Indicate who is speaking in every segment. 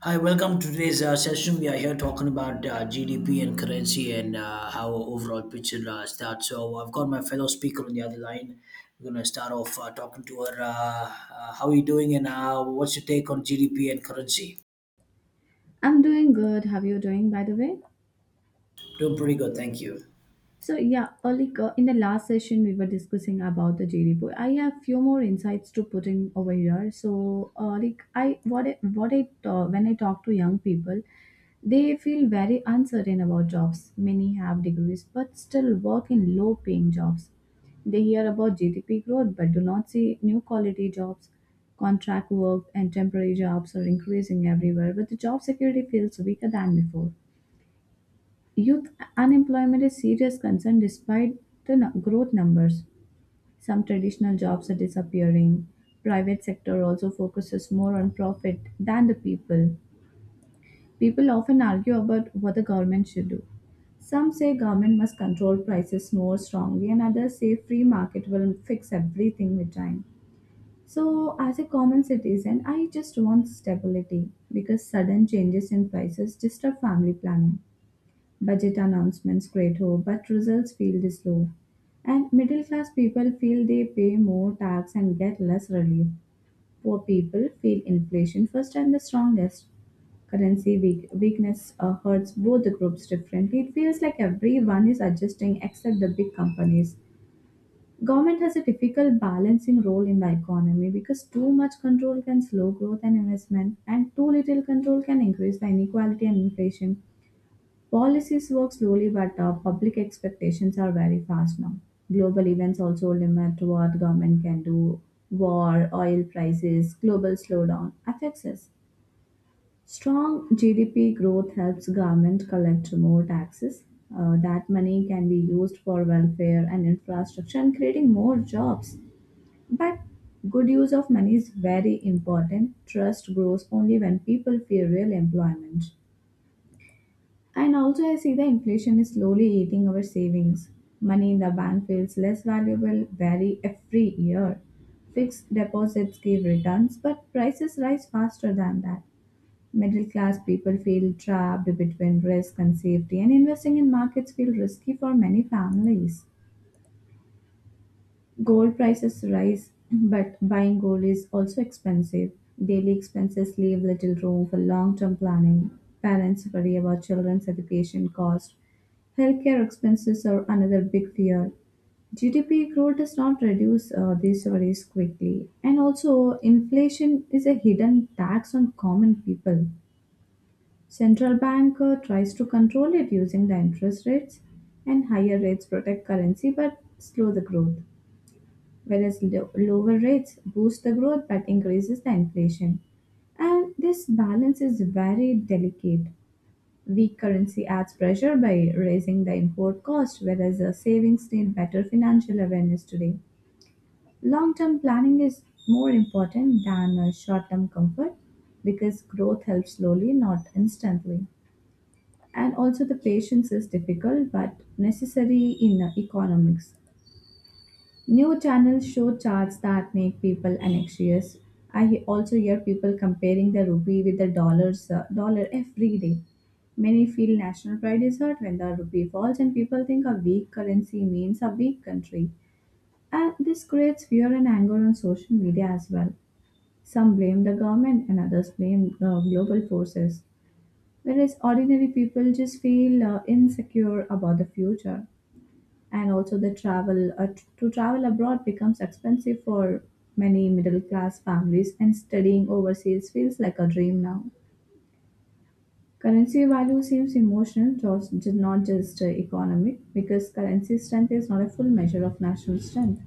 Speaker 1: Hi, welcome to today's session. We are here talking about GDP and currency and how our overall picture starts. I've got my fellow speaker on the other line. We're going to start off talking to her. How are you doing and what's your take on GDP and currency?
Speaker 2: I'm doing good. How you doing, by the way?
Speaker 1: Doing pretty good, thank you.
Speaker 2: So yeah, like in the last session we were discussing about the JD boy. I have few more insights to put in over here. So like I what I, what I when I talk to young people, they feel very uncertain about jobs. Many have degrees but still work in low-paying jobs. They hear about GDP growth but do not see new quality jobs. Contract work and temporary jobs are increasing everywhere, but the job security feels weaker than before. Youth unemployment is serious concern despite the growth numbers. Some traditional jobs are disappearing. Private sector also focuses more on profit than the people. People often argue about what the government should do. Some say government must control prices more strongly and others say free market will fix everything with time. So as a common citizen, I just want stability because sudden changes in prices disturb family planning. Budget announcements greater, but results feel this low. And middle class people feel they pay more tax and get less relief. Poor people feel inflation first and the strongest. Currency weakness hurts both the groups differently. It feels like everyone is adjusting except the big companies. Government has a difficult balancing role in the economy because too much control can slow growth and investment, and too little control can increase the inequality and inflation. Policies work slowly, but public expectations are very fast now. Global events also limit what government can do. War, oil prices, global slowdown affects us. Strong GDP growth helps government collect more taxes. That money can be used for welfare and infrastructure and creating more jobs. But good use of money is very important. Trust grows only when people feel real employment. And also, I see the inflation is slowly eating our savings. Money in the bank feels less valuable very every year. Fixed deposits give returns, but prices rise faster than that. Middle class people feel trapped between risk and safety, and investing in markets feel risky for many families. Gold prices rise, but buying gold is also expensive. Daily expenses leave little room for long term planning. Parents worry about children's education costs. Healthcare expenses are another big fear. GDP growth does not reduce these worries quickly. And also, inflation is a hidden tax on common people. Central bank tries to control it using the interest rates, and higher rates protect currency but slow the growth whereas lower rates boost the growth but increases the inflation. And this balance is very delicate. Weak currency adds pressure by raising the import cost, whereas the savings need better financial awareness today. Long term planning is more important than short term comfort because growth helps slowly, not instantly. And also, the patience is difficult but necessary in economics. New channels show charts that make people anxious. Also hear people comparing the rupee with the dollars dollar every day. Many feel national pride is hurt when the rupee falls, and people think a weak currency means a weak country. And this creates fear and anger on social media as well. Some blame the government, and others blame global forces. Whereas ordinary people just feel insecure about the future, and also the travel to travel abroad becomes expensive for many middle class families, and studying overseas feels like a dream now. Currency value seems emotional, just not just economic, because currency strength is not a full measure of national strength.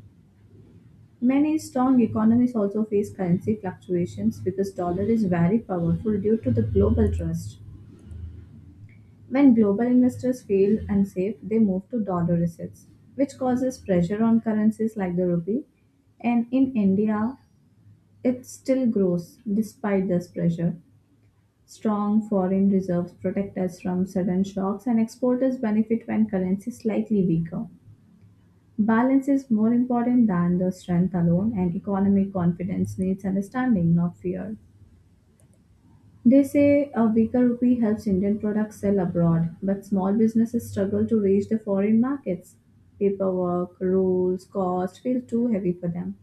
Speaker 2: Many strong economies also face currency fluctuations because dollar is very powerful due to the global trust. When global investors feel unsafe, they move to dollar assets, which causes pressure on currencies like the rupee. And in India, it still grows despite this pressure. Strong foreign reserves protect us from sudden shocks, and exporters benefit when currency is slightly weaker. Balance is more important than the strength alone, and economic confidence needs understanding, not fear. They say a weaker rupee helps Indian products sell abroad, but small businesses struggle to reach the foreign markets. Paperwork, rules, cost feel too heavy for them.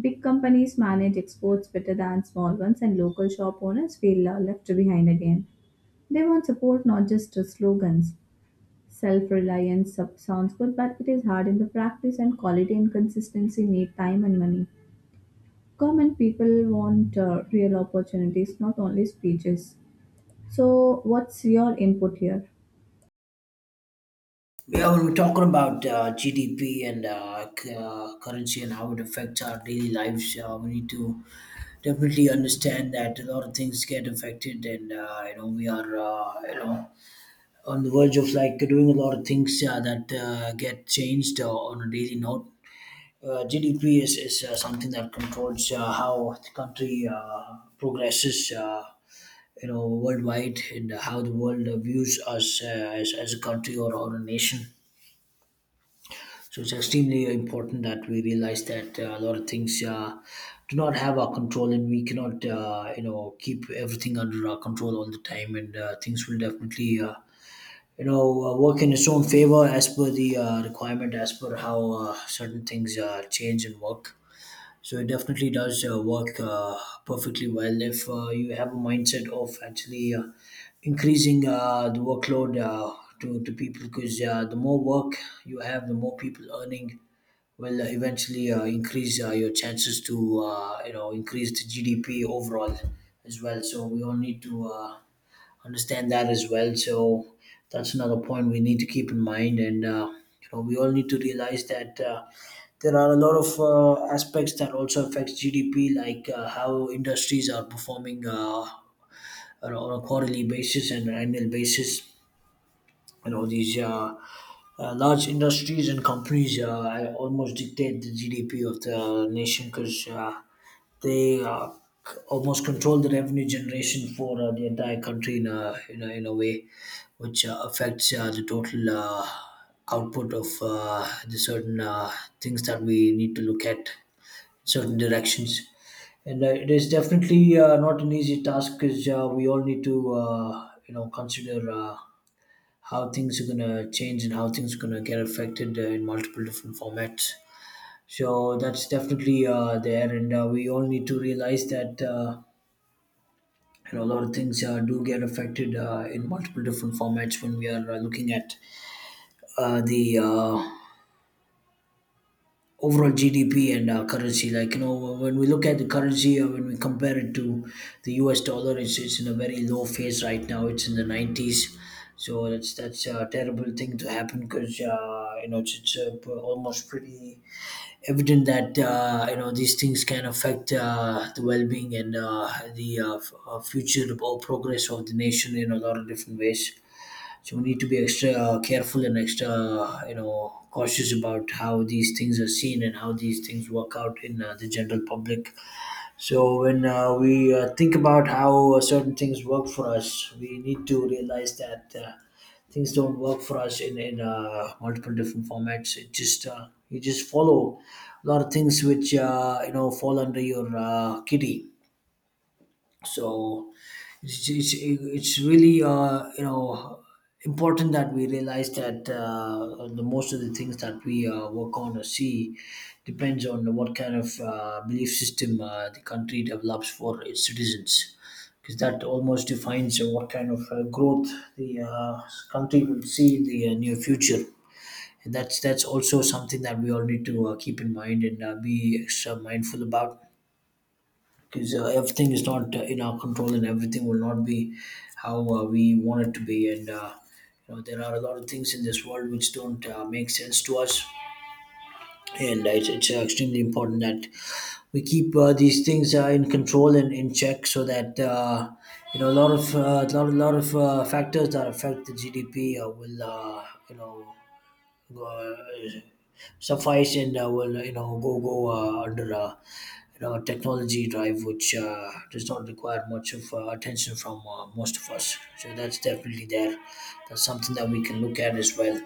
Speaker 2: Big companies manage exports better than small ones, and local shop owners feel left behind again. They want support, not just slogans. Self reliance sounds good, but it is hard in the practice, and quality and consistency need time and money. Common people want real opportunities, not only speeches. So, what's your input here?
Speaker 1: Yeah, we were talking about GDP and currency and how it affects our daily lives. We need to definitely understand that a lot of things get affected, and we are on the verge of like doing a lot of things that get changed on a daily note. GDP is something that controls how the country progresses, worldwide and how the world views us as a country or a nation. So it's extremely important that we realize that a lot of things do not have our control, and we cannot, keep everything under our control all the time. And things will definitely work in its own favor as per the requirement, as per how certain things change and work. So it definitely does work perfectly well if you have a mindset of actually increasing the workload to people, because the more work you have, the more people earning will eventually increase your chances to increase the gdp overall as well. So we all need to understand that as well. So that's another point we need to keep in mind, and we all need to realize that there are a lot of aspects that also affects GDP, like how industries are performing on a quarterly basis and an annual basis. You know, these large industries and companies almost dictate the GDP of the nation, because they almost control the revenue generation for the entire country in a way, which affects the total output of the certain things that we need to look at, certain directions. And it is definitely not an easy task, because we all need to consider how things are gonna change and how things are gonna get affected in multiple different formats. So that's definitely there, and we all need to realize that a lot of things do get affected in multiple different formats when we are looking at the overall GDP and currency. Like you know, when we look at the currency, when we compare it to the US dollar, it's in a very low phase right now. It's in the 90s, so that's a terrible thing to happen, because almost pretty evident that these things can affect the well being and the future or progress of the nation in a lot of different ways. So we need to be extra careful and extra cautious about how these things are seen and how these things work out in the general public. So when we think about how certain things work for us, we need to realize that things don't work for us in multiple different formats. It just you just follow a lot of things which fall under your kitty. So it's really important that we realize that the most of the things that we work on or see depends on what kind of belief system the country develops for its citizens, because that almost defines what kind of growth the country will see in the near future. And that's also something that we all need to keep in mind and be extra mindful about, because everything is not in our control, and everything will not be how we want it to be. And there are a lot of things in this world which don't make sense to us. And it's extremely important that we keep these things in control and in check, so that a lot of lot of factors that affect the GDP will uh, suffice and will go under technology drive, which does not require much of attention from most of us. So that's definitely there. That's something that we can look at as well.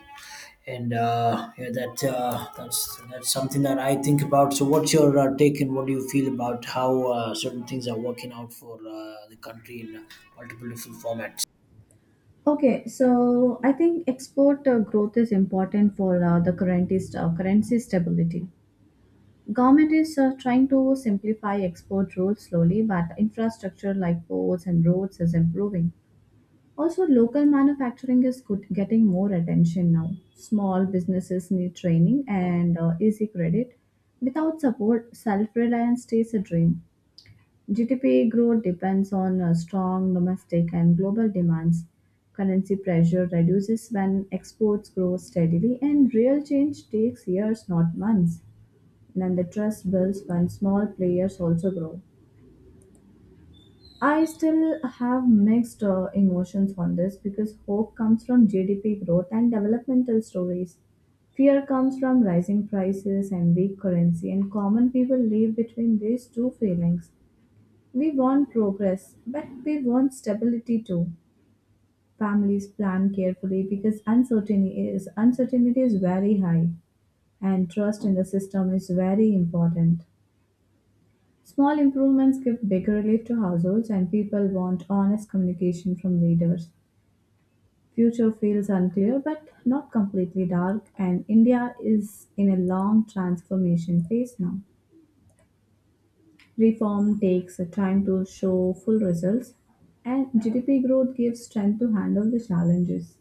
Speaker 1: And yeah, that's something that I think about. So, what's your take and what do you feel about how certain things are working out for the country in multiple different formats?
Speaker 2: Okay, so I think export growth is important for the currency, currency stability. Government is trying to simplify export rules slowly, but infrastructure like ports and roads is improving. Also, local manufacturing is good, getting more attention now. Small businesses need training and easy credit. Without support, self reliance stays a dream. GDP growth depends on strong domestic and global demands. Currency pressure reduces when exports grow steadily, and real change takes years, not months. And then the trust builds when small players also grow. I still have mixed emotions on this because hope comes from GDP growth and developmental stories. Fear comes from rising prices and weak currency, and common people live between these two feelings. We want progress, but we want stability too. Families plan carefully because uncertainty is very high, and trust in the system is very important. Small improvements give big relief to households, and people want honest communication from leaders. Future feels unclear but not completely dark, and India is in a long transformation phase now. Reform takes time to show full results, and GDP growth gives strength to handle the challenges.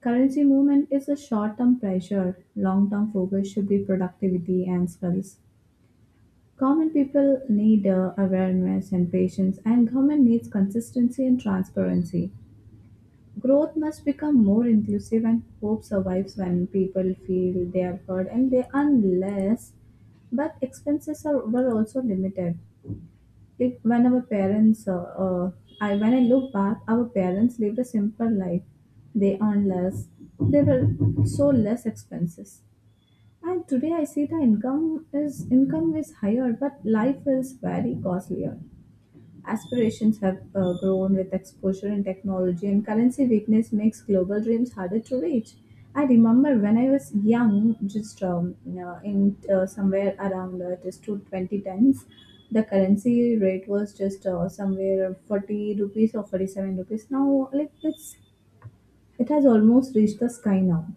Speaker 2: Currency movement is a short term pressure, long term focus should be productivity and skills. Common people need awareness and patience, and government needs consistency and transparency. Growth must become more inclusive, and hope survives when people feel they are heard and they unless, but expenses are, were also limited. Like when our parents, I when I look back, our parents lived a simple life. They earned less. They were so less expenses. And today I see the income is higher, but life is very costlier. Aspirations have grown with exposure in technology, and currency weakness makes global dreams harder to reach. I remember when I was young, just in somewhere around just to 2010s, the currency rate was just somewhere 40 rupees or 47 rupees. Now, like it has almost reached the sky now.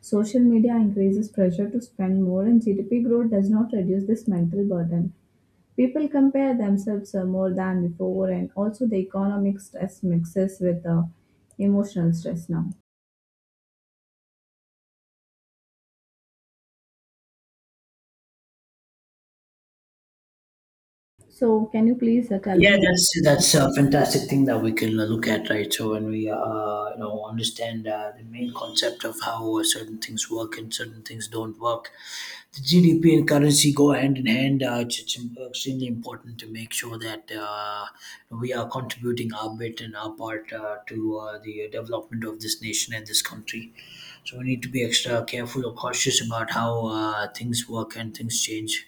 Speaker 2: Social media increases pressure to spend more, and GDP growth does not reduce this mental burden. People compare themselves more than before, and also the economic stress mixes with the emotional stress now. So, can you please tell me?
Speaker 1: Yeah,
Speaker 2: Who-
Speaker 1: that's a fantastic thing that we can look at, right? So when we, understand the main concept of how certain things work and certain things don't work, the GDP and currency go hand in hand. Extremely important to make sure that we are contributing our bit and our part to the development of this nation and this country. So we need to be extra careful or cautious about how things work and things change.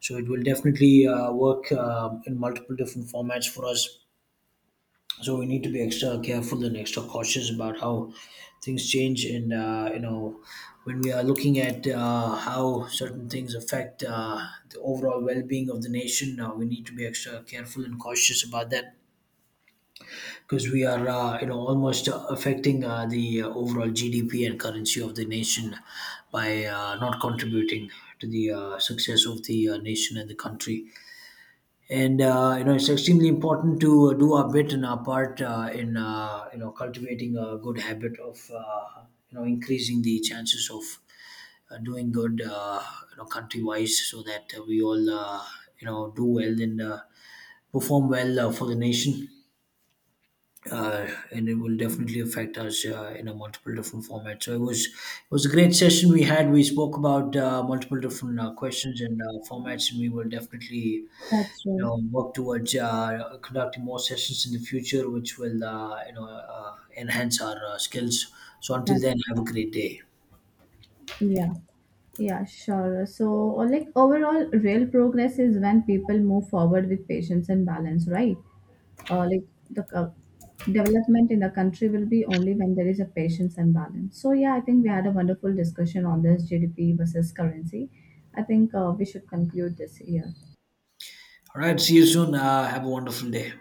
Speaker 1: So it will definitely work in multiple different formats for us. So we need to be extra careful and extra cautious about how things change, and when we are looking at how certain things affect the overall well-being of the nation, we need to be extra careful and cautious about that, because we are almost affecting the overall GDP and currency of the nation by not contributing to the success of the nation and the country. And it's extremely important to do our bit and our part in cultivating a good habit of increasing the chances of doing good country wise, so that we all do well and perform well for the nation. And it will definitely affect us in a multiple different format. So it was a great session we had. We spoke about multiple different questions and formats, and we will definitely
Speaker 2: that's true.
Speaker 1: work towards conducting more sessions in the future, which will enhance our skills. So until then,
Speaker 2: That's
Speaker 1: have a great day.
Speaker 2: yeah. Yeah, sure. So, or like overall, real progress is when people move forward with patience and balance, right? Like the development in the country will be only when there is a patience and balance. So, yeah, I think we had a wonderful discussion on this GDP versus currency. I think we should conclude this here.
Speaker 1: All right, see you soon. Have a wonderful day.